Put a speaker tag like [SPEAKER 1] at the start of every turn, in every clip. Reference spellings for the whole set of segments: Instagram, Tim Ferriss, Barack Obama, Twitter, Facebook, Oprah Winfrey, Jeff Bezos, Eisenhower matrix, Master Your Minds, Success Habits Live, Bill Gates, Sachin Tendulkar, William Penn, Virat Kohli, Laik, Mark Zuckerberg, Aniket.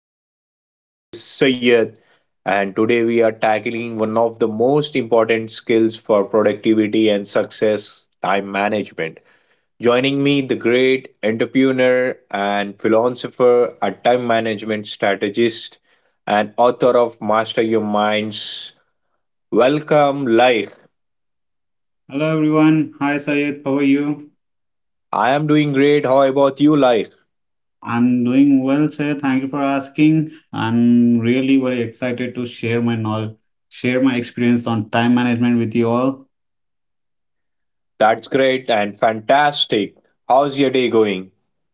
[SPEAKER 1] Live. I'm your host, Sayed, and today we are tackling one of the most important skills for productivity and success time management. Joining me, the great entrepreneur and philosopher, a time management strategist, and author of Master Your Minds. Welcome, Laik.
[SPEAKER 2] Hello everyone. Hi Sayed, how are you?
[SPEAKER 1] I am doing great. How about you, Laik?
[SPEAKER 2] I'm doing well, Sayed. Thank you for asking. I'm really very excited to share my knowledge, share my experience on time management with you all.
[SPEAKER 1] That's great and fantastic. How's your day going?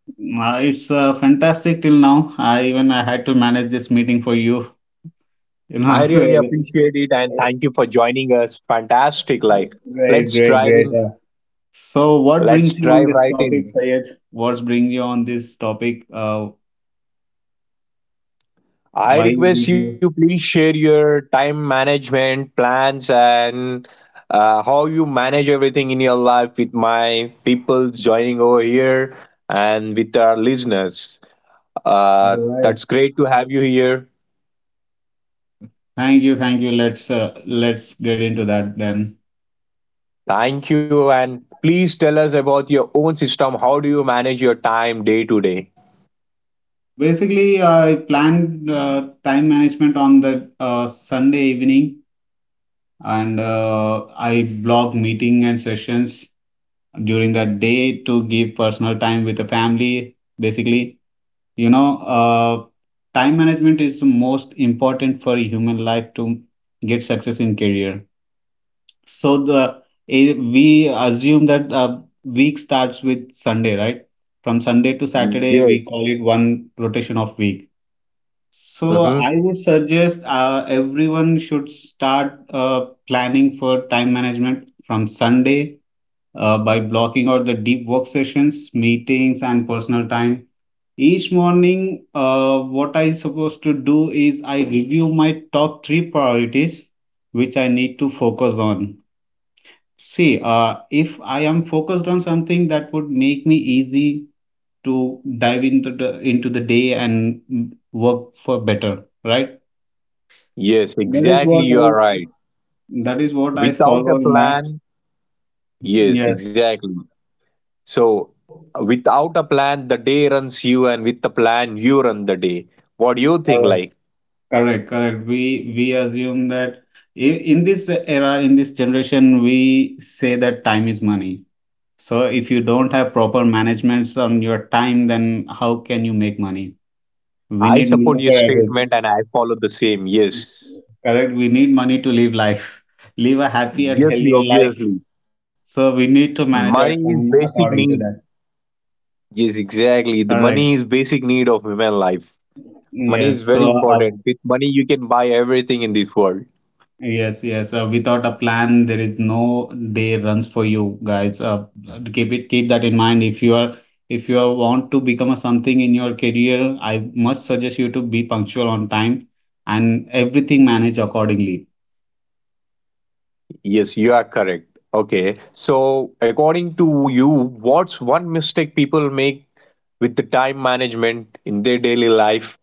[SPEAKER 2] It's fantastic till now. I had to manage this meeting for you.
[SPEAKER 1] I
[SPEAKER 2] So
[SPEAKER 1] really appreciate it and thank you for joining us. Fantastic. Like,
[SPEAKER 2] great,
[SPEAKER 1] let's
[SPEAKER 2] great,
[SPEAKER 1] drive
[SPEAKER 2] great.
[SPEAKER 1] in.
[SPEAKER 2] So what
[SPEAKER 1] Let's
[SPEAKER 2] brings
[SPEAKER 1] drive
[SPEAKER 2] you on
[SPEAKER 1] right
[SPEAKER 2] this
[SPEAKER 1] in.
[SPEAKER 2] topic, Sayed? What's bringing you on this topic?
[SPEAKER 1] I
[SPEAKER 2] Why did
[SPEAKER 1] request you
[SPEAKER 2] you?
[SPEAKER 1] please share your time management plans and how you manage everything in your life with my people joining over here and with our listeners.
[SPEAKER 2] All right.
[SPEAKER 1] That's great to have you here.
[SPEAKER 2] Thank you. Let's get into that then.
[SPEAKER 1] Thank you. And please tell us about your own system. How do you manage your time day to day?
[SPEAKER 2] Basically, I planned time management on the Sunday evening, and I block meeting and sessions during the day to give personal time with the family. Basically, you know, time management is most important for human life to get success in career. So we assume that week starts with Sunday, right? From Sunday to Saturday,
[SPEAKER 1] Yes.
[SPEAKER 2] we call it one rotation of week. So
[SPEAKER 1] Mhm.
[SPEAKER 2] I would suggest everyone should start planning for time management from Sunday, by blocking out the deep work sessions, meetings, and personal time. Each morning, what I supposed to do is I review my top three priorities which I need to focus on. See, if I am focused on something that would make me easy to dive into the day and work for better, right?
[SPEAKER 1] Yes,
[SPEAKER 2] That is
[SPEAKER 1] exactly.
[SPEAKER 2] what
[SPEAKER 1] You
[SPEAKER 2] I
[SPEAKER 1] are right.
[SPEAKER 2] that is what I
[SPEAKER 1] Without a
[SPEAKER 2] follow in that.
[SPEAKER 1] plan, yes,
[SPEAKER 2] Yes,
[SPEAKER 1] exactly. So, without a plan, the day runs you, and with the plan, you run the day. What do you think?
[SPEAKER 2] correct,
[SPEAKER 1] Like,
[SPEAKER 2] correct. We assume that in this era, in this generation, we say that time is money. So if you don't have proper managements on your time, then how can you make money? We
[SPEAKER 1] I
[SPEAKER 2] need
[SPEAKER 1] support
[SPEAKER 2] money
[SPEAKER 1] your
[SPEAKER 2] for everything.
[SPEAKER 1] statement and I follow the same. Yes,
[SPEAKER 2] Correct. We need money to live life, live a happy and
[SPEAKER 1] obviously,
[SPEAKER 2] healthier life.
[SPEAKER 1] obviously.
[SPEAKER 2] So we need to manage
[SPEAKER 1] Money
[SPEAKER 2] our
[SPEAKER 1] is
[SPEAKER 2] time
[SPEAKER 1] basic
[SPEAKER 2] according
[SPEAKER 1] need.
[SPEAKER 2] to that.
[SPEAKER 1] Yes,
[SPEAKER 2] Correct.
[SPEAKER 1] exactly. The money is basic need of human life.
[SPEAKER 2] Yes.
[SPEAKER 1] Money
[SPEAKER 2] So
[SPEAKER 1] is very important. With money, you can buy everything in this world.
[SPEAKER 2] yes, yes. Without a plan, there is no day runs for you guys. Keep it, keep that in mind. If you are want to become a something in your career, I must suggest you to be punctual on time and everything manage accordingly.
[SPEAKER 1] Yes, you are correct. Okay. So, according to you, what's one mistake people make with the time management in their daily life?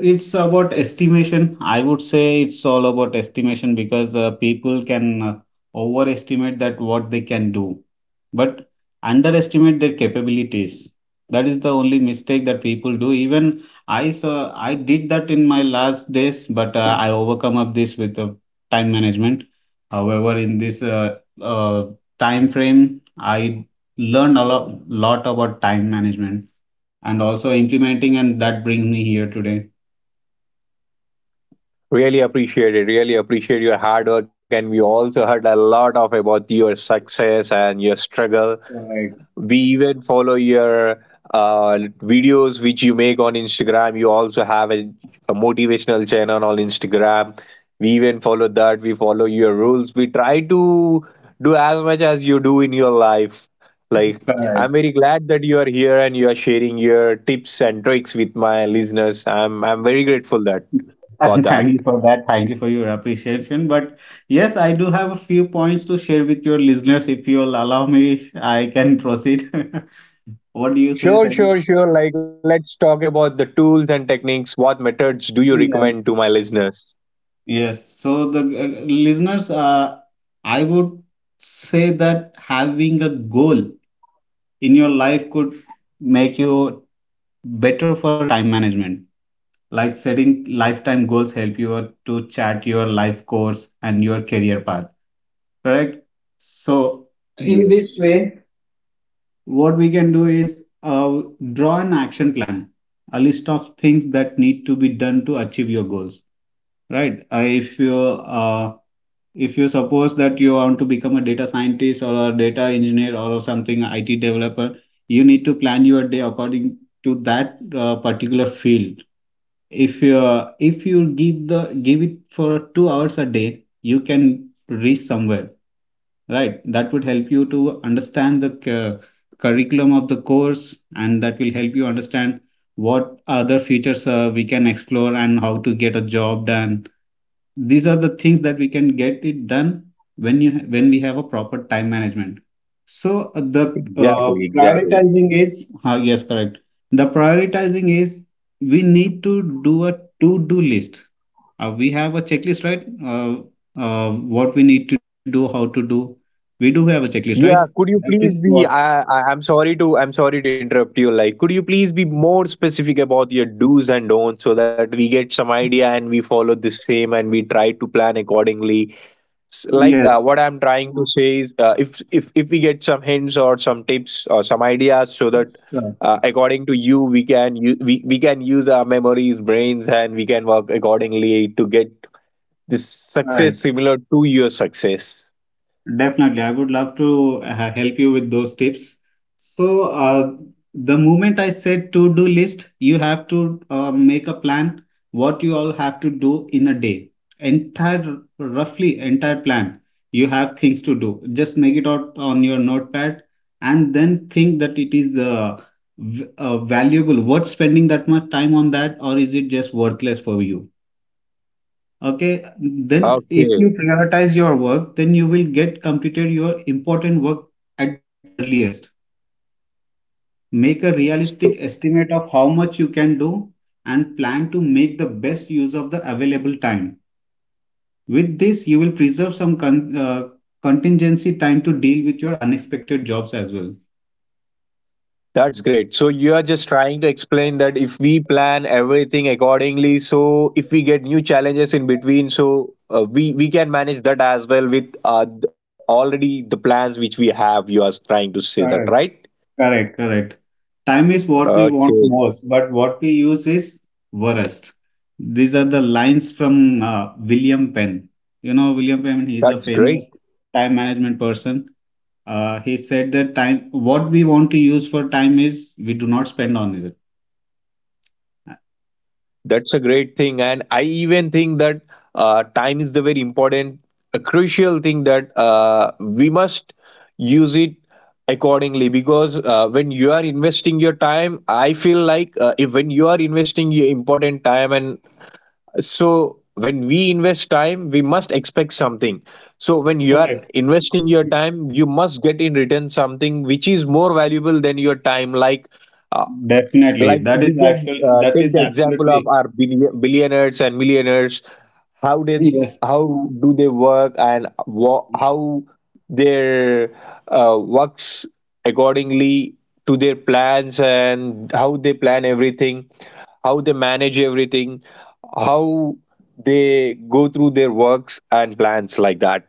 [SPEAKER 2] It's about estimation. I would say it's all about estimation because people can overestimate that what they can do, but underestimate their capabilities. That is the only mistake that people do. Even I did that in my last days, but I overcome up this with time management. However, in this time frame, I learned a lot about time management and also implementing, and that brings me here today.
[SPEAKER 1] Really appreciate it. Really appreciate your hard work. And we also heard a lot of about your success and your struggle.
[SPEAKER 2] Right.
[SPEAKER 1] We even follow your uh, videos which you make on Instagram. You also have a motivational channel on Instagram. We even follow that. We follow your rules. We try to do as much as you do in your life, like, I'm
[SPEAKER 2] Correct.
[SPEAKER 1] very glad that you are here and you are sharing your tips and tricks with my listeners. I'm very grateful that
[SPEAKER 2] And
[SPEAKER 1] about
[SPEAKER 2] thank
[SPEAKER 1] that.
[SPEAKER 2] you for that. Thank you for your appreciation. But yes, I do have a few points to share with your listeners. If you'll allow me, I can proceed. What do you
[SPEAKER 1] Sure,
[SPEAKER 2] say,
[SPEAKER 1] sure,
[SPEAKER 2] Sajid?
[SPEAKER 1] sure. Like, let's talk about the tools and techniques. What methods do you recommend to my
[SPEAKER 2] Yes.
[SPEAKER 1] listeners?
[SPEAKER 2] Yes. So the listeners, I would say that having a goal in your life could make you better for time management. Like setting lifetime goals help you to chart your life course and your career path. Correct. So in
[SPEAKER 1] Yes.
[SPEAKER 2] this way, what we can do is draw an action plan, a list of things that need to be done to achieve your goals, right. Uh, uh, if you suppose that you want to become a data scientist or a data engineer or something IT developer, you need to plan your day according to that particular field. If you if you give the give it for 2 hours a day, you can reach somewhere. Right. That would help you to understand the curriculum of the course, and that will help you understand what other features we can explore and how to get a job done. These are the things that we can get it done when you when we have a proper time management. So the
[SPEAKER 1] Exactly, exactly.
[SPEAKER 2] prioritizing is yes, correct. The prioritizing is, we need to do a to do list. We have a checklist, right? What we need to do, how to do, we do have a checklist, right?
[SPEAKER 1] Yeah, could you
[SPEAKER 2] That is
[SPEAKER 1] please
[SPEAKER 2] what,
[SPEAKER 1] be I, I'm sorry to interrupt you. Like, could you please be more specific about your do's and don'ts so that we get some idea and we follow the same and we try to plan accordingly. Like
[SPEAKER 2] yes.
[SPEAKER 1] what I'm trying to say is, if we get some hints or some tips or some ideas, so that
[SPEAKER 2] Sure.
[SPEAKER 1] according to you we can use our memories, brains, and we can work accordingly to get this
[SPEAKER 2] All right.
[SPEAKER 1] success similar to your success.
[SPEAKER 2] Definitely, I would love to help you with those tips. So, the moment I said to do list, you have to make a plan what you all have to do in a day. Entire, roughly entire plan. You have things to do. Just make it out on your notepad and then think that it is valuable. Worth spending that much time on that, or is it just worthless for you? Okay, then if
[SPEAKER 1] Okay.
[SPEAKER 2] you prioritize your work, then you will get completed your important work at the earliest. Make a
[SPEAKER 1] So
[SPEAKER 2] realistic estimate of how much you can do and plan to make the best use of the available time. With this, you will preserve some contingency time to deal with your unexpected jobs as well.
[SPEAKER 1] that's great. So you are just trying to explain that if we plan everything accordingly, so if we get new challenges in between, so we can manage that as well with already the plans which we have. You are trying to say that,
[SPEAKER 2] Correct.
[SPEAKER 1] right?
[SPEAKER 2] Correct. Time is what we
[SPEAKER 1] Okay,
[SPEAKER 2] want most, but what we use is worst. These are the lines from William Penn. You know, William Penn, he's a
[SPEAKER 1] that's
[SPEAKER 2] famous
[SPEAKER 1] great.
[SPEAKER 2] time management person. He said that time, what we want to use for time is we do not spend on it.
[SPEAKER 1] That's a great thing. And I even think that time is the very important, a crucial thing that we must use it accordingly because when you are investing your time, I feel like if when you are investing your important time, and so when we invest time, we must expect something. So when you are
[SPEAKER 2] Correct.
[SPEAKER 1] investing your time, you must get in return something which is more valuable than your time, like, uh,
[SPEAKER 2] Definitely.
[SPEAKER 1] like
[SPEAKER 2] That
[SPEAKER 1] we
[SPEAKER 2] is
[SPEAKER 1] can
[SPEAKER 2] actual. That
[SPEAKER 1] take
[SPEAKER 2] is
[SPEAKER 1] the example of
[SPEAKER 2] absolutely,
[SPEAKER 1] our billionaires and millionaires. How did,
[SPEAKER 2] yes.
[SPEAKER 1] how do they work, and how their works accordingly to their plans, and how they plan everything, how they manage everything, how they go through their works and plans like that.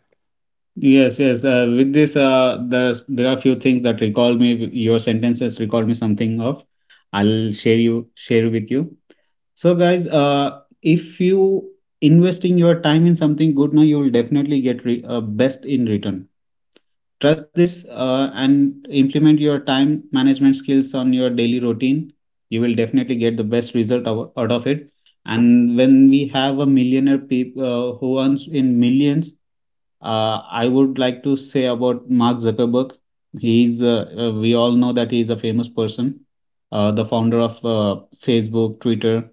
[SPEAKER 2] Yes. With this, there are a few things that recall me. Your sentences recall me something of. I'll share you share with you. So, guys, if you investing your time in something good now, you will definitely get best in return. Trust this and implement your time management skills on your daily routine. You will definitely get the best result out of it. And when we have a millionaire people who earns in millions, I would like to say about Mark Zuckerberg. He's we all know that he is a famous person, the founder of Facebook, Twitter,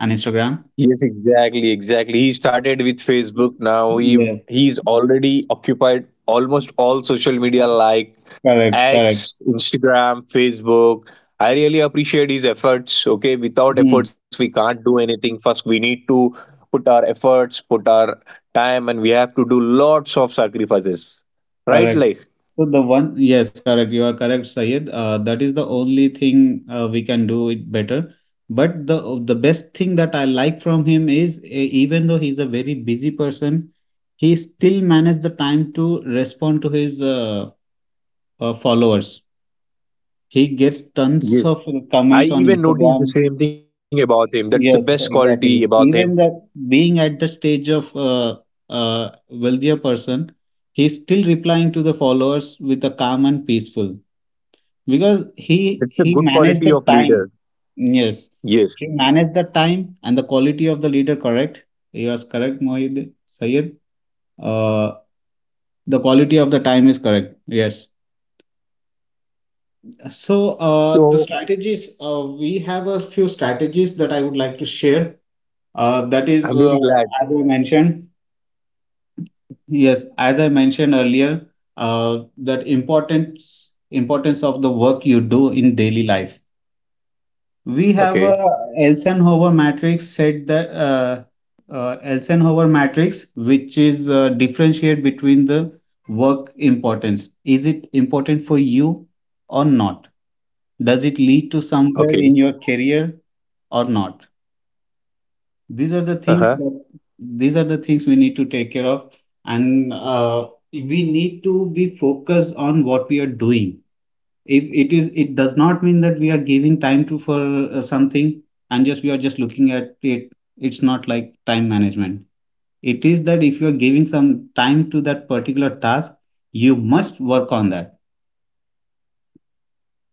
[SPEAKER 2] and Instagram.
[SPEAKER 1] Yes, exactly, exactly. He started with Facebook. Now he
[SPEAKER 2] Yes,
[SPEAKER 1] he's already occupied almost all social media, like
[SPEAKER 2] correct, correct,
[SPEAKER 1] X, Instagram, Facebook. I really appreciate his efforts. Okay, without
[SPEAKER 2] Mhm,
[SPEAKER 1] efforts, we can't do anything. First, we need to put our efforts, put our time, and we have to do lots of sacrifices. Right,
[SPEAKER 2] correct.
[SPEAKER 1] like,
[SPEAKER 2] So the one, yes, correct. You are correct, Sayed. That is the only thing we can do it better. But the best thing that I like from him is even though he's a very busy person, he still managed the time to respond to his followers. He gets tons
[SPEAKER 1] yes.
[SPEAKER 2] of
[SPEAKER 1] I
[SPEAKER 2] comments on
[SPEAKER 1] even noticed the
[SPEAKER 2] Instagram.
[SPEAKER 1] same thing about him. That's the best
[SPEAKER 2] Yes,
[SPEAKER 1] quality about
[SPEAKER 2] exactly.
[SPEAKER 1] him.
[SPEAKER 2] Even that being at the stage of wealthier person, he's still replying to the followers with a calm and peaceful because he
[SPEAKER 1] That's a
[SPEAKER 2] he
[SPEAKER 1] good
[SPEAKER 2] managed
[SPEAKER 1] quality
[SPEAKER 2] the
[SPEAKER 1] of
[SPEAKER 2] time.
[SPEAKER 1] leader.
[SPEAKER 2] Yes,
[SPEAKER 1] Yes.
[SPEAKER 2] he managed the time and the quality of the leader. Correct. You was correct, Mohid Sayed. Uh, the quality of the time is correct. Yes. So, the
[SPEAKER 1] So
[SPEAKER 2] strategies, we have a few strategies that I would like to share. That is,
[SPEAKER 1] I'm very glad.
[SPEAKER 2] as I mentioned, yes, as I mentioned earlier, that importance of the work you do in daily life. We have
[SPEAKER 1] Okay.
[SPEAKER 2] a Elsenhower matrix said that Elsenhower matrix, which is differentiate between the work importance. Is it important for you or not? Does it lead to
[SPEAKER 1] Okay.
[SPEAKER 2] somewhere in your career or not? These are the
[SPEAKER 1] Uh huh.
[SPEAKER 2] things that these are the things we need to take care of, and we need to be focused on what we are doing. If it is, it does not mean that we are giving time to for something and just we are just looking at it. It's not like time management. It is that if you are giving some time to that particular task, you must work on that.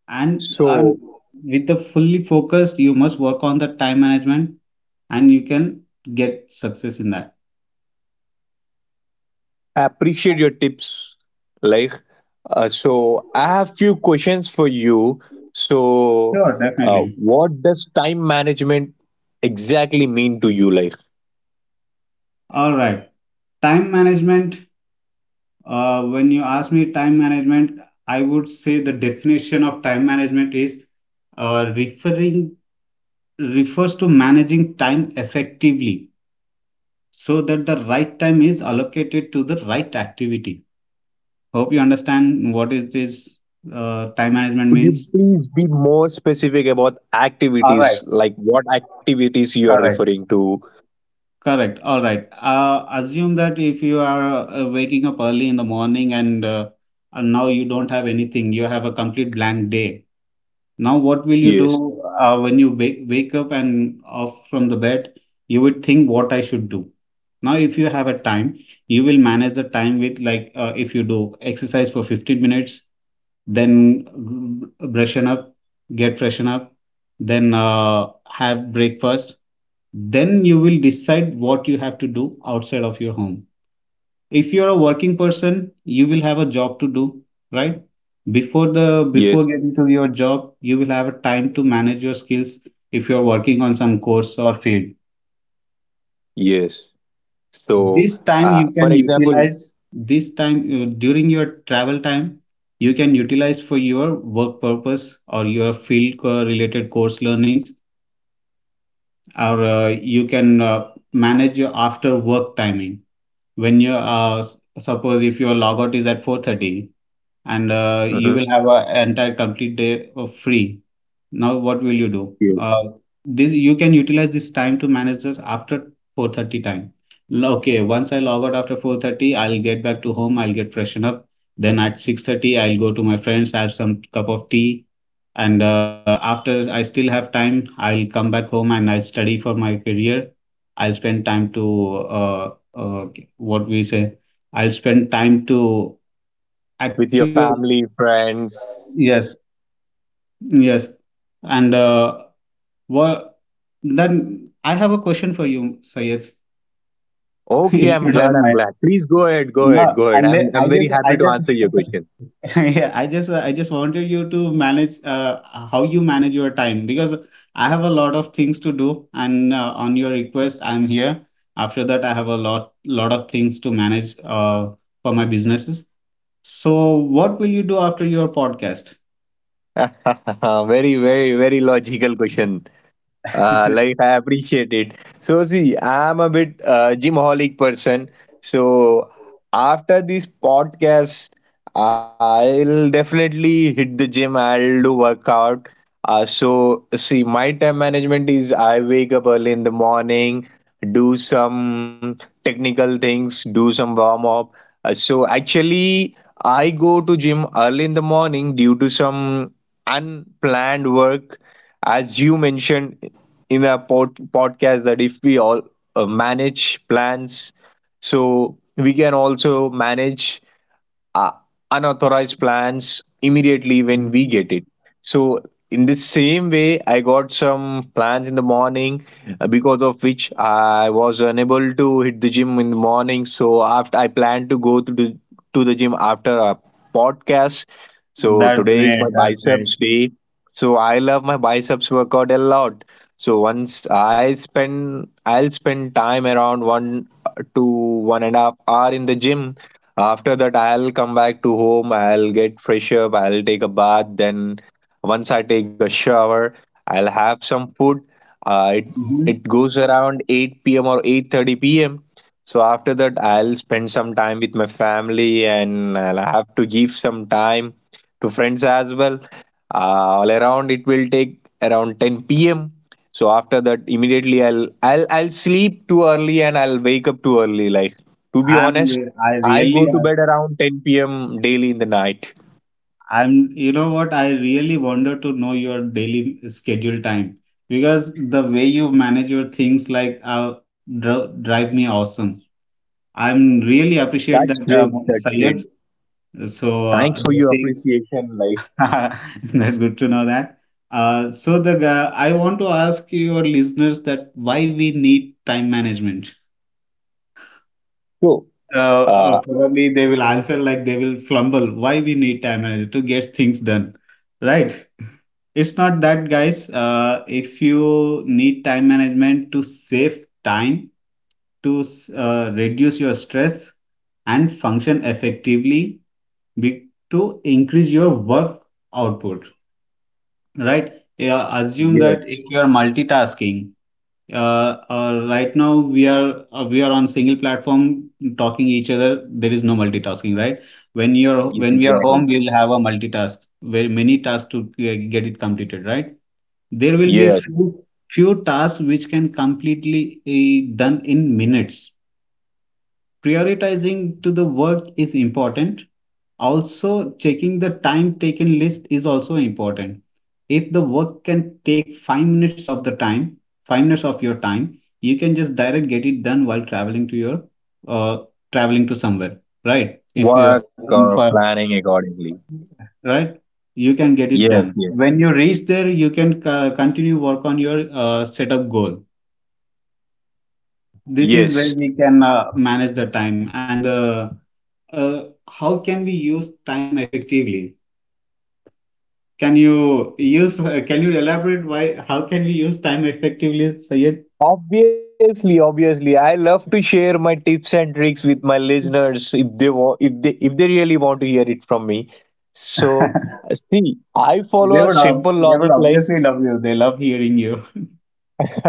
[SPEAKER 2] And
[SPEAKER 1] So
[SPEAKER 2] with the fully focused, you must work on the time management, and you can get success in that.
[SPEAKER 1] I appreciate your tips. Like, so I have few questions for you. So,
[SPEAKER 2] Sure, definitely.
[SPEAKER 1] what does time management exactly mean to you? Like,
[SPEAKER 2] All right. Time management. When you ask me time management, I would say the definition of time management is referring refers to managing time effectively so that the right time is allocated to the right activity. Hope you understand what is this time management
[SPEAKER 1] could you
[SPEAKER 2] means.
[SPEAKER 1] please be more specific about
[SPEAKER 2] All right,
[SPEAKER 1] activities? Like, what activities you are referring
[SPEAKER 2] correct.
[SPEAKER 1] to?
[SPEAKER 2] Correct. All right. Assume that if you are waking up early in the morning and now you don't have anything, you have a complete blank day. Now, what will you
[SPEAKER 1] Yes,
[SPEAKER 2] do when you wake up and off from the bed? You would think what I should do. Now, if you have a time, you will manage the time with, like, if you do exercise for 15 minutes, then mm, freshen up, get freshen up, then have breakfast. Then you will decide what you have to do outside of your home. If you're a working person, you will have a job to do, right? Before the
[SPEAKER 1] yes,
[SPEAKER 2] before getting to your job, you will have a time to manage your skills if you're working on some course or field.
[SPEAKER 1] yes. So,
[SPEAKER 2] This time
[SPEAKER 1] for
[SPEAKER 2] you can
[SPEAKER 1] example,
[SPEAKER 2] utilize, this time during your travel time you can utilize for your work purpose or your related course learnings. Or you can manage your after work timing, when you suppose if your logout is at 4:30 and you
[SPEAKER 1] mhm,
[SPEAKER 2] will have an entire complete day of free. Now, what will you do?
[SPEAKER 1] yes,
[SPEAKER 2] This you can utilize, this time to manage this after 4:30 time. Okay, once I log out after 4:30, I'll get back to home. I'll get freshen up. Then at 6:30, I'll go to my friends, have some cup of tea, and after, I still have time, I'll come back home and I'll study for my career. I'll spend time to uh, uh, what we say. I'll spend time to
[SPEAKER 1] with your
[SPEAKER 2] actual.
[SPEAKER 1] family, friends.
[SPEAKER 2] Yes. Yes, and what then? I have a question for you, Sayed,
[SPEAKER 1] Okay,
[SPEAKER 2] if
[SPEAKER 1] I'm
[SPEAKER 2] you
[SPEAKER 1] glad.
[SPEAKER 2] don't
[SPEAKER 1] I'm
[SPEAKER 2] mind.
[SPEAKER 1] glad. Please go ahead. Go ahead.
[SPEAKER 2] No,
[SPEAKER 1] Go ahead. I'm
[SPEAKER 2] I
[SPEAKER 1] I'm very
[SPEAKER 2] just,
[SPEAKER 1] happy to answer your question.
[SPEAKER 2] Yeah, I just wanted you to manage how you manage your time, because I have a lot of things to do, and on your request, I'm here. After that, I have a lot of things to manage for my businesses. So, what will you do after your podcast?
[SPEAKER 1] Very, very, very logical question. Like I appreciate it. So see, I'm a bit gymholic person. So after this podcast, I'll definitely hit the gym. I'll do workout. So see, my time management is I wake up early in the morning, do some technical things, do some warm up. So actually, I go to gym early in the morning due to some unplanned work as you mentioned in the podcast that if we all manage plans so we can also manage uh, unauthorized plans immediately when we
[SPEAKER 2] Mhm.
[SPEAKER 1] get it. So, in the same way, I got some plans in the morning because of which I was unable to hit the gym in the morning. So, after I planned to go to the gym after a podcast. So,
[SPEAKER 2] That's
[SPEAKER 1] today is my
[SPEAKER 2] great. That's
[SPEAKER 1] biceps day. So, I love my biceps workout a lot. So, I'll spend time around 1 to 1.5 hour in the gym. After that, I'll come back to home. I'll get fresh up. I'll take a bath. Then, once I take a shower, I'll have some food. Uh, it
[SPEAKER 2] great.
[SPEAKER 1] it goes around 8 p.m. or 8:30 p.m. So after that, I'll spend some time with my family, and I'll have to give some time to friends as well. Uh, all around, it will take around 10 p.m. So after that, immediately, I'll sleep too early, and I'll wake up too early, like, to be honest,
[SPEAKER 2] I
[SPEAKER 1] I go
[SPEAKER 2] really,
[SPEAKER 1] to bed around 10 p.m. daily in the night.
[SPEAKER 2] you know what? I really wanted to know your daily schedule time, because the way you manage your things, like dr drive me awesome. I'm really
[SPEAKER 1] That's
[SPEAKER 2] appreciate
[SPEAKER 1] great,
[SPEAKER 2] that,
[SPEAKER 1] that's great.
[SPEAKER 2] Sayed. So
[SPEAKER 1] Thanks for your
[SPEAKER 2] the things
[SPEAKER 1] appreciation, like.
[SPEAKER 2] that's good to know that. So the I want to ask your listeners that why we need time management.
[SPEAKER 1] So
[SPEAKER 2] uh,
[SPEAKER 1] uh
[SPEAKER 2] Probably they will answer, like, they will flumble why we need time manager to get things done, right? It's not that, guys. If you need time management to save time, reduce your stress and function effectively, to increase your work output, right? Yeah, assume that
[SPEAKER 1] yes,
[SPEAKER 2] if you are multitasking right now we are on single platform talking each other, there is no multitasking, right? When you're when
[SPEAKER 1] yes,
[SPEAKER 2] we are home,
[SPEAKER 1] exactly,
[SPEAKER 2] we'll have a multitask, very many tasks to get it completed, right? There will be
[SPEAKER 1] yes,
[SPEAKER 2] few tasks which can completely done in minutes. Prioritizing to the work is important, also checking the time taken list is also important. If the work can take 5 minutes of the time, 5 minutes of your time, you can just direct get it done while traveling to your uh, traveling to somewhere, right? If you're
[SPEAKER 1] work
[SPEAKER 2] in for,
[SPEAKER 1] or planning accordingly,
[SPEAKER 2] right, you can get it done.
[SPEAKER 1] yes, yes,
[SPEAKER 2] When you reach there, you can continue work on your setup goal. This is where we
[SPEAKER 1] yes.
[SPEAKER 2] can manage the time. And the how can we use time effectively? Can you use? Can you elaborate why? How can we use time effectively, Sayed?
[SPEAKER 1] Obviously, obviously, I love to share my tips and tricks with my listeners if they want, if they really want to hear it from me. So, see, I follow a simple
[SPEAKER 2] They would
[SPEAKER 1] logic life.
[SPEAKER 2] obviously love you. They love hearing you.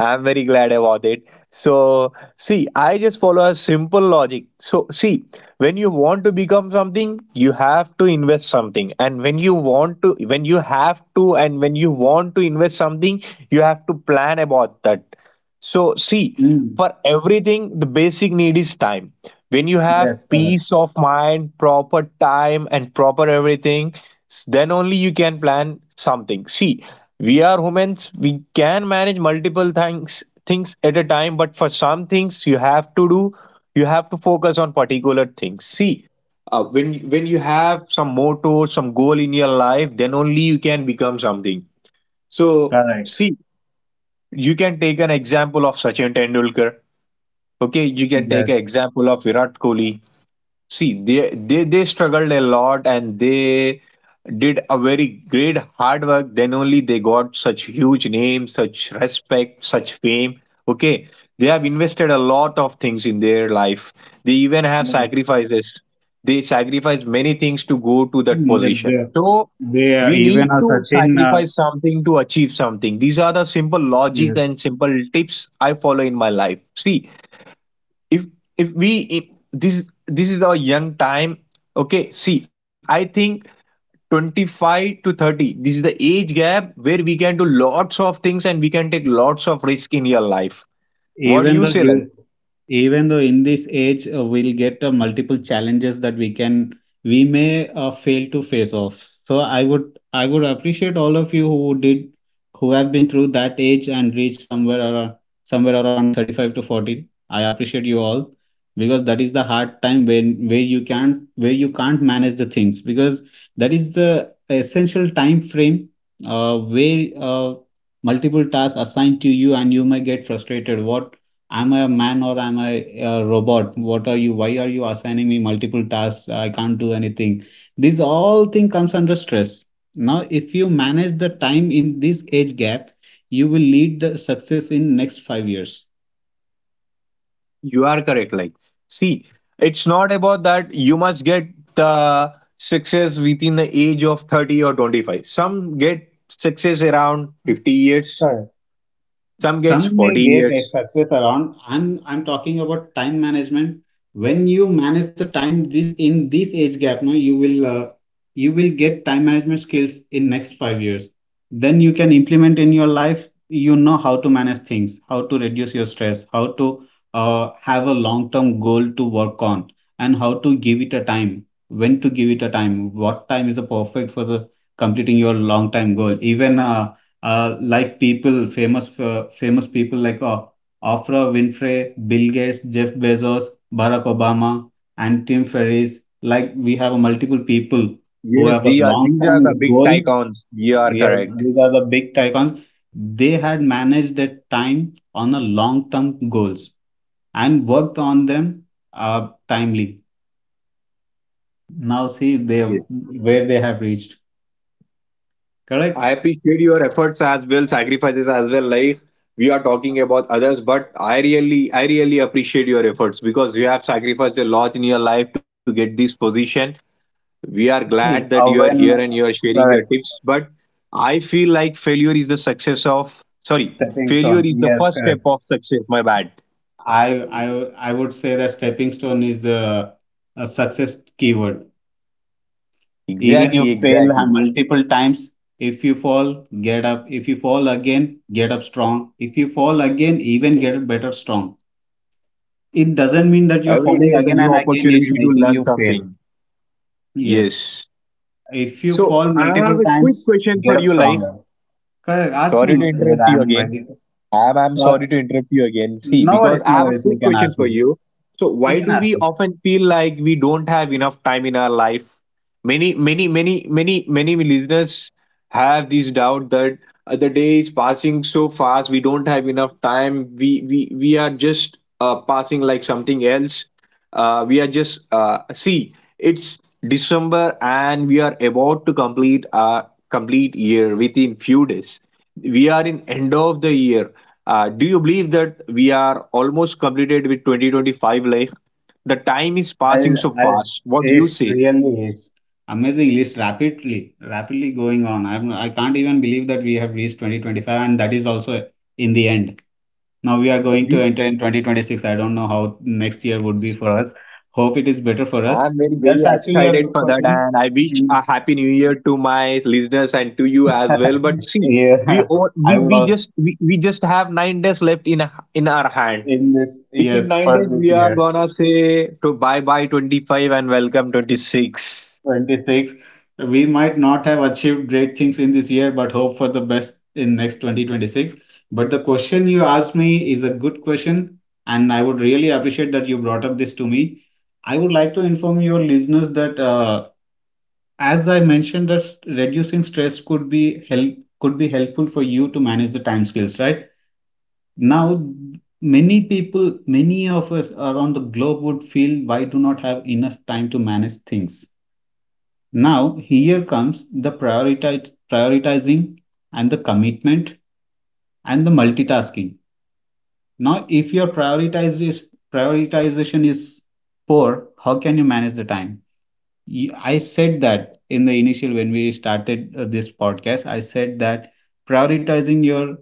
[SPEAKER 1] I'm very glad about it. So, see, I just follow a simple logic. So, see, when you want to become something, you have to invest something, and when you want to invest something, you have to plan about that. So, see,
[SPEAKER 2] Mm,
[SPEAKER 1] for everything, the basic need is time. When you have
[SPEAKER 2] yes, correct.
[SPEAKER 1] peace of mind, proper time, and proper everything, then only you can plan something. See, we are humans, we can manage multiple things at a time, but for some things you have to do, you have to focus on particular things. See, when you have some motto, some goal in your life, then only you can become something. So,
[SPEAKER 2] Correct.
[SPEAKER 1] see, you can take an example of Sachin Tendulkar. Okay, you can take an
[SPEAKER 2] Yes.
[SPEAKER 1] example of Virat Kohli. See, they struggled a lot, and they did a very great hard work. Then only they got such huge name, such respect, such fame. Okay, they have invested a lot of things in their life. They even have
[SPEAKER 2] Yes.
[SPEAKER 1] sacrifices. They sacrifice many things to go to that
[SPEAKER 2] Yes.
[SPEAKER 1] position.
[SPEAKER 2] They,
[SPEAKER 1] So
[SPEAKER 2] they,
[SPEAKER 1] we need
[SPEAKER 2] even a
[SPEAKER 1] to
[SPEAKER 2] Sachin,
[SPEAKER 1] sacrifice something to achieve something. These are the simple logic
[SPEAKER 2] yes.
[SPEAKER 1] and simple tips I follow in my life. See, if if we this is our young time. Okay, see, I think 25 to 30, this is the age gap where we can do lots of things and we can take lots of risk in your life. What do you
[SPEAKER 2] Even
[SPEAKER 1] say,
[SPEAKER 2] though
[SPEAKER 1] like?
[SPEAKER 2] you, even though in this age we'll get multiple challenges that we can, we may fail to face off. So I would appreciate all of you who did, who have been through that age and reached somewhere around 35 to 40. I appreciate you all, because that is the hard time when, where you can't, where you can't manage the things, because that is the essential time frame where multiple tasks assigned to you and you may get frustrated what, I'm a man or I'm a, robot. What are you? Why are you assigning me multiple tasks? I can't do anything. This all thing comes under stress. Now, if you manage the time in this age gap, you will lead the success in next 5 years.
[SPEAKER 1] You are correct, like. See, it's not about that you must get the success within the age of 30 or 25. Some get success around 50 years, some gets
[SPEAKER 2] Some may
[SPEAKER 1] 40
[SPEAKER 2] get a
[SPEAKER 1] years.
[SPEAKER 2] success around, I'm talking about time management. When you manage the time, this, in this age gap, no, you will you will get time management skills in next 5 years. Then you can implement in your life. You know how to manage things, how to reduce your stress, how to have a long term goal to work on, and how to give it a time, when to give it a time, what time is the perfect for the completing your long time goal. Even like famous people like Oprah Winfrey, Bill Gates, Jeff Bezos, Barack Obama, and Tim Ferriss. Like, we have multiple people who
[SPEAKER 1] Yes,
[SPEAKER 2] have a long
[SPEAKER 1] these are the
[SPEAKER 2] time
[SPEAKER 1] big
[SPEAKER 2] goal.
[SPEAKER 1] tycoons. You are
[SPEAKER 2] Yes,
[SPEAKER 1] correct.
[SPEAKER 2] these are the big icons. They had managed that time on a long term goals and worked on them timely. Now see, they,
[SPEAKER 1] Yes.
[SPEAKER 2] where they have reached.
[SPEAKER 1] I
[SPEAKER 2] Correct.
[SPEAKER 1] appreciate your efforts as well, sacrifices as well. Like, we are talking about others, but I really appreciate your efforts because you have sacrificed a lot in your life to get this position. We are glad that
[SPEAKER 2] See,
[SPEAKER 1] you are here
[SPEAKER 2] when
[SPEAKER 1] and you are sharing your tips.
[SPEAKER 2] correct,
[SPEAKER 1] But I feel like failure is the success of, sorry,
[SPEAKER 2] stepping
[SPEAKER 1] failure
[SPEAKER 2] stone.
[SPEAKER 1] is the
[SPEAKER 2] Yes,
[SPEAKER 1] first step
[SPEAKER 2] correct.
[SPEAKER 1] of success. My bad.
[SPEAKER 2] I would say that stepping stone is a success keyword. Even
[SPEAKER 1] Exactly,
[SPEAKER 2] you fail
[SPEAKER 1] exactly.
[SPEAKER 2] multiple times, if you fall, get up. If you fall again, get up strong. If you fall again, even get up better strong. It doesn't mean that
[SPEAKER 1] Every
[SPEAKER 2] you're
[SPEAKER 1] day is
[SPEAKER 2] falling
[SPEAKER 1] a new
[SPEAKER 2] again and again,
[SPEAKER 1] opportunity
[SPEAKER 2] it's
[SPEAKER 1] to
[SPEAKER 2] making
[SPEAKER 1] learn
[SPEAKER 2] you
[SPEAKER 1] something.
[SPEAKER 2] fail. Yes.
[SPEAKER 1] Yes.
[SPEAKER 2] If you
[SPEAKER 1] So
[SPEAKER 2] fall
[SPEAKER 1] I have
[SPEAKER 2] multiple
[SPEAKER 1] a quick
[SPEAKER 2] times,
[SPEAKER 1] question for
[SPEAKER 2] get up
[SPEAKER 1] you, like.
[SPEAKER 2] stronger. Correct. Ask me,
[SPEAKER 1] Sorry to
[SPEAKER 2] Mr. Iyer,
[SPEAKER 1] interrupt you
[SPEAKER 2] I'm
[SPEAKER 1] again.
[SPEAKER 2] ready.
[SPEAKER 1] I'm sorry
[SPEAKER 2] So,
[SPEAKER 1] to interrupt you again. See,
[SPEAKER 2] no
[SPEAKER 1] because
[SPEAKER 2] worries,
[SPEAKER 1] I
[SPEAKER 2] no
[SPEAKER 1] have a
[SPEAKER 2] worries. You
[SPEAKER 1] quick
[SPEAKER 2] can
[SPEAKER 1] question
[SPEAKER 2] ask
[SPEAKER 1] for
[SPEAKER 2] me.
[SPEAKER 1] you. So,
[SPEAKER 2] You
[SPEAKER 1] why
[SPEAKER 2] can
[SPEAKER 1] do
[SPEAKER 2] ask
[SPEAKER 1] we
[SPEAKER 2] me.
[SPEAKER 1] often feel like we don't have enough time in our life? Many, many, many, many, many listeners have this doubt that the day is passing so fast. We don't have enough time. We are just passing like something else. We are just see. It's December, and we are about to complete our complete year within few days. We are in end of the year. Do you believe that we are almost completed with 2025? Like, the time is
[SPEAKER 2] I,
[SPEAKER 1] passing so
[SPEAKER 2] I,
[SPEAKER 1] fast. What you
[SPEAKER 2] it's
[SPEAKER 1] say?
[SPEAKER 2] really it's amazing list, rapidly, rapidly going on. I can't even believe that we have reached 2025 and that is also in the end. Now we are going to
[SPEAKER 1] We,
[SPEAKER 2] enter in 2026. I don't know how next year would be for us, hope it is better for
[SPEAKER 1] I'm
[SPEAKER 2] us.
[SPEAKER 1] very, very
[SPEAKER 2] That's actually
[SPEAKER 1] excited
[SPEAKER 2] a
[SPEAKER 1] for
[SPEAKER 2] good
[SPEAKER 1] that, and
[SPEAKER 2] question.
[SPEAKER 1] I wish a
[SPEAKER 2] Mm.
[SPEAKER 1] happy new year to my listeners and to you as well. But see, we
[SPEAKER 2] Yeah.
[SPEAKER 1] all
[SPEAKER 2] i would al-
[SPEAKER 1] we just have 9 days left in our hand.
[SPEAKER 2] in this,
[SPEAKER 1] Within
[SPEAKER 2] yes,
[SPEAKER 1] nine
[SPEAKER 2] for
[SPEAKER 1] days,
[SPEAKER 2] this
[SPEAKER 1] we are
[SPEAKER 2] year
[SPEAKER 1] gonna say to bye bye 25 and welcome 26.
[SPEAKER 2] 26, we might not have achieved great things in this year, but hope for the best in next 2026. But the question you asked me is a good question, and I would really appreciate that you brought up this to me. I would like to inform your listeners that as I mentioned that reducing stress could be help, could be helpful for you to manage the time skills, right? Now, many people, many of us around the globe would feel why do not have enough time to manage things. Now, here comes the prioritizing and the commitment and the multitasking. Now, if your prioritization is poor, how can you manage the time? I said that in the initial when we started this podcast, I said that prioritizing your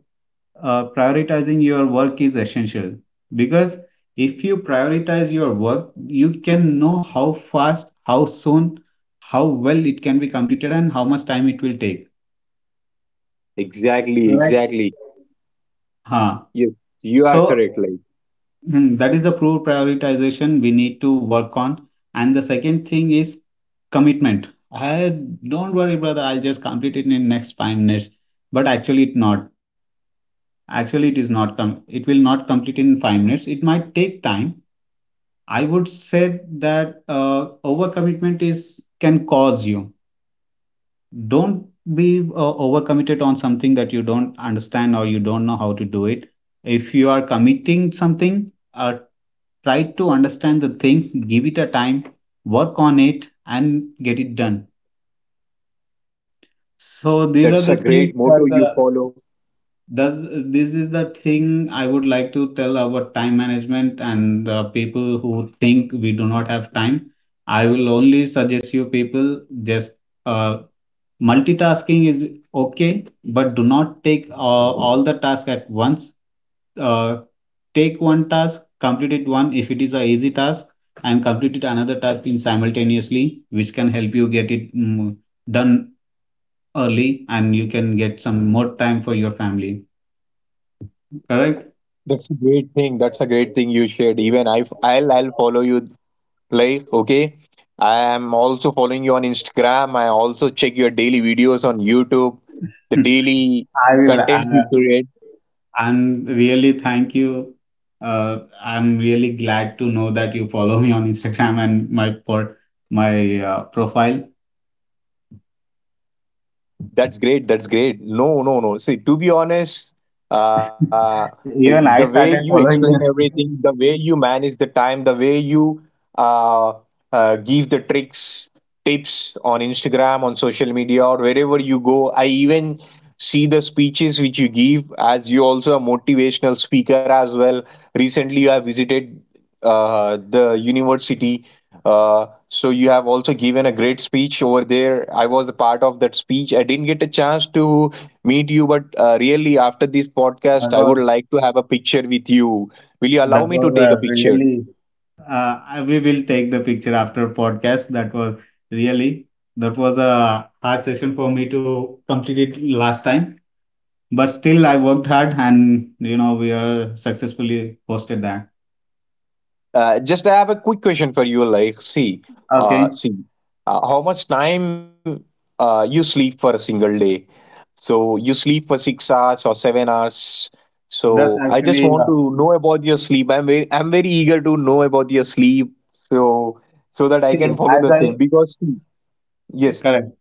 [SPEAKER 2] prioritizing your work is essential, because if you prioritize your work, you can know how fast, how soon, how well it can be completed and how much time it will take.
[SPEAKER 1] Exactly,
[SPEAKER 2] Correct.
[SPEAKER 1] exactly.
[SPEAKER 2] Huh.
[SPEAKER 1] You you are
[SPEAKER 2] So,
[SPEAKER 1] correct. Like,
[SPEAKER 2] mm, that is the poor prioritization we need to work on. And the second thing is commitment. I Don't worry, brother, I'll just complete it in next 5 minutes. But actually it not, actually it is not com- it will not complete in 5 minutes, it might take time. I would say that overcommitment is can cause you. Don't be overcommitted on something that you don't understand or you don't know how to do it. If you are committing something, try to understand the things, give it a time, work on it, and get it done. So
[SPEAKER 1] that's a
[SPEAKER 2] these are the
[SPEAKER 1] great motto
[SPEAKER 2] things
[SPEAKER 1] you
[SPEAKER 2] that
[SPEAKER 1] follow.
[SPEAKER 2] the does, this is the thing I would like to tell about time management and the people who think we do not have time. I will only suggest you people just uh, multitasking is okay, but do not take all the tasks at once. Uh, take one task, complete it one if it is a easy task, and complete it another task in simultaneously, which can help you get it mm, done early and you can get some more time for your family. Correct?
[SPEAKER 1] That's a great thing. That's a great thing you shared. Even I'll follow you. Like, okay, I am also following you on Instagram. I also check your daily videos on YouTube, the daily
[SPEAKER 2] I will.
[SPEAKER 1] contents you create.
[SPEAKER 2] I'm really thank you. I'm really glad to know that you follow me on Instagram and my port, my profile.
[SPEAKER 1] That's great. That's great. No, no, no. See, to be honest, uh, the
[SPEAKER 2] Even
[SPEAKER 1] way
[SPEAKER 2] I
[SPEAKER 1] you
[SPEAKER 2] started
[SPEAKER 1] explain
[SPEAKER 2] following
[SPEAKER 1] everything,
[SPEAKER 2] you.
[SPEAKER 1] the way you manage the time, the way you uh, give the tricks, tips on Instagram, on social media, or wherever you go, I even see the speeches which you give as you also a motivational speaker as well. Recently, you have visited the university, so you have also given a great speech over there. I was a part of that speech. I didn't get a chance to meet you, but really after this
[SPEAKER 2] That
[SPEAKER 1] podcast, I would
[SPEAKER 2] was
[SPEAKER 1] like to have a picture with you. Will you allow
[SPEAKER 2] that
[SPEAKER 1] me to
[SPEAKER 2] was
[SPEAKER 1] take a
[SPEAKER 2] a
[SPEAKER 1] picture?
[SPEAKER 2] really. We will take the picture after podcast. That was really, that was a hard session for me to complete it last time. But still, I worked hard, and you know we are successfully posted that.
[SPEAKER 1] Just I have a quick question for you. Like, see, uh,
[SPEAKER 2] Okay,
[SPEAKER 1] see, how much time you sleep for a single day? So you sleep for 6 hours or 7 hours.
[SPEAKER 2] that's
[SPEAKER 1] So I just
[SPEAKER 2] actually
[SPEAKER 1] want to know about your sleep. I'm very eager to know about your sleep. So, so that I
[SPEAKER 2] See,
[SPEAKER 1] can follow
[SPEAKER 2] as
[SPEAKER 1] the same.
[SPEAKER 2] I
[SPEAKER 1] Because see, yes.
[SPEAKER 2] correct,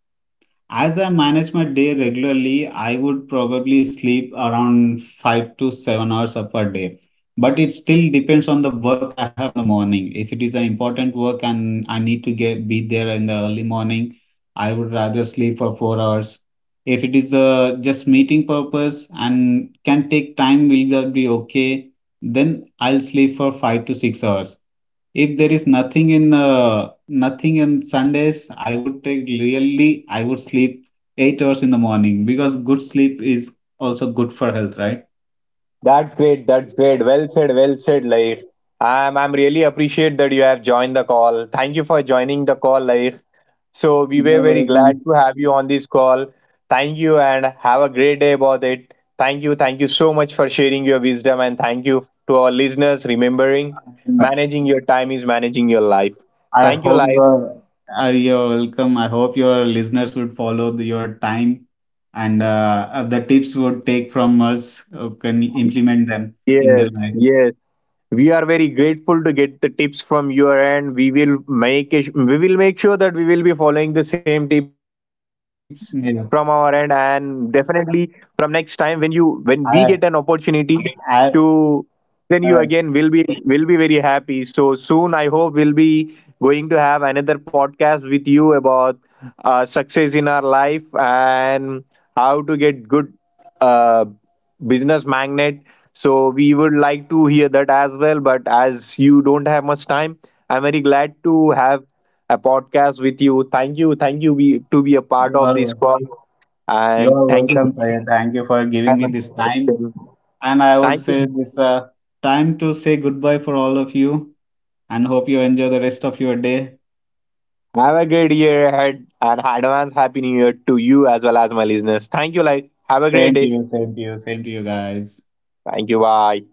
[SPEAKER 2] as I manage my day regularly, I would probably sleep around 5 to 7 hours a per day. But it still depends on the work I have in the morning. If it is an important work and I need to get be there in the early morning, I would rather sleep for 4 hours. If it is just meeting purpose and can take time, will be okay. Then I'll sleep for 5 to 6 hours if there is nothing in nothing on Sundays, I would take really, I would sleep 8 hours in the morning, because good sleep is also good for health, right?
[SPEAKER 1] That's great. That's great. Well said. Well said. Like, I'm really appreciate that you have joined the call. Thank you for joining the call. Like, so we
[SPEAKER 2] You
[SPEAKER 1] were
[SPEAKER 2] are
[SPEAKER 1] very glad
[SPEAKER 2] welcome.
[SPEAKER 1] to have you on this call. Thank you and have a great day about it. Thank you. Thank you so much for sharing your wisdom and thank you to our listeners, remembering
[SPEAKER 2] And
[SPEAKER 1] managing your time is managing your life.
[SPEAKER 2] I
[SPEAKER 1] Thank you,
[SPEAKER 2] hope you
[SPEAKER 1] Life.
[SPEAKER 2] are you're welcome. I hope your listeners would follow the, your time and the tips would take from us can implement them in their
[SPEAKER 1] Yes,
[SPEAKER 2] life.
[SPEAKER 1] yes. We are very grateful to get the tips from your end. We will make sure that we will be following the same tips from our end,
[SPEAKER 2] Yes.
[SPEAKER 1] and definitely from next time when you when we get an
[SPEAKER 2] I,
[SPEAKER 1] opportunity
[SPEAKER 2] I,
[SPEAKER 1] to, then you
[SPEAKER 2] all right.
[SPEAKER 1] again will be very happy. So soon I hope we'll be going to have another podcast with you about success in our life and how to get good uh, business magnet, so we would like to hear that as well. But as you don't have much time, I'm very glad to have a podcast with you. To be a part
[SPEAKER 2] You
[SPEAKER 1] of this
[SPEAKER 2] are,
[SPEAKER 1] call,
[SPEAKER 2] you
[SPEAKER 1] and
[SPEAKER 2] are
[SPEAKER 1] thank you.
[SPEAKER 2] welcome, Sayed. Thank you for giving me this time. And I would
[SPEAKER 1] Thank
[SPEAKER 2] say
[SPEAKER 1] you.
[SPEAKER 2] this time to say goodbye for all of you and hope you enjoy the rest of your day.
[SPEAKER 1] Have a great year ahead, and advance happy new year to you as well as my listeners. Thank you, like have a great
[SPEAKER 2] Same to
[SPEAKER 1] day.
[SPEAKER 2] you, same to you, same to you, guys.
[SPEAKER 1] Thank you. Bye.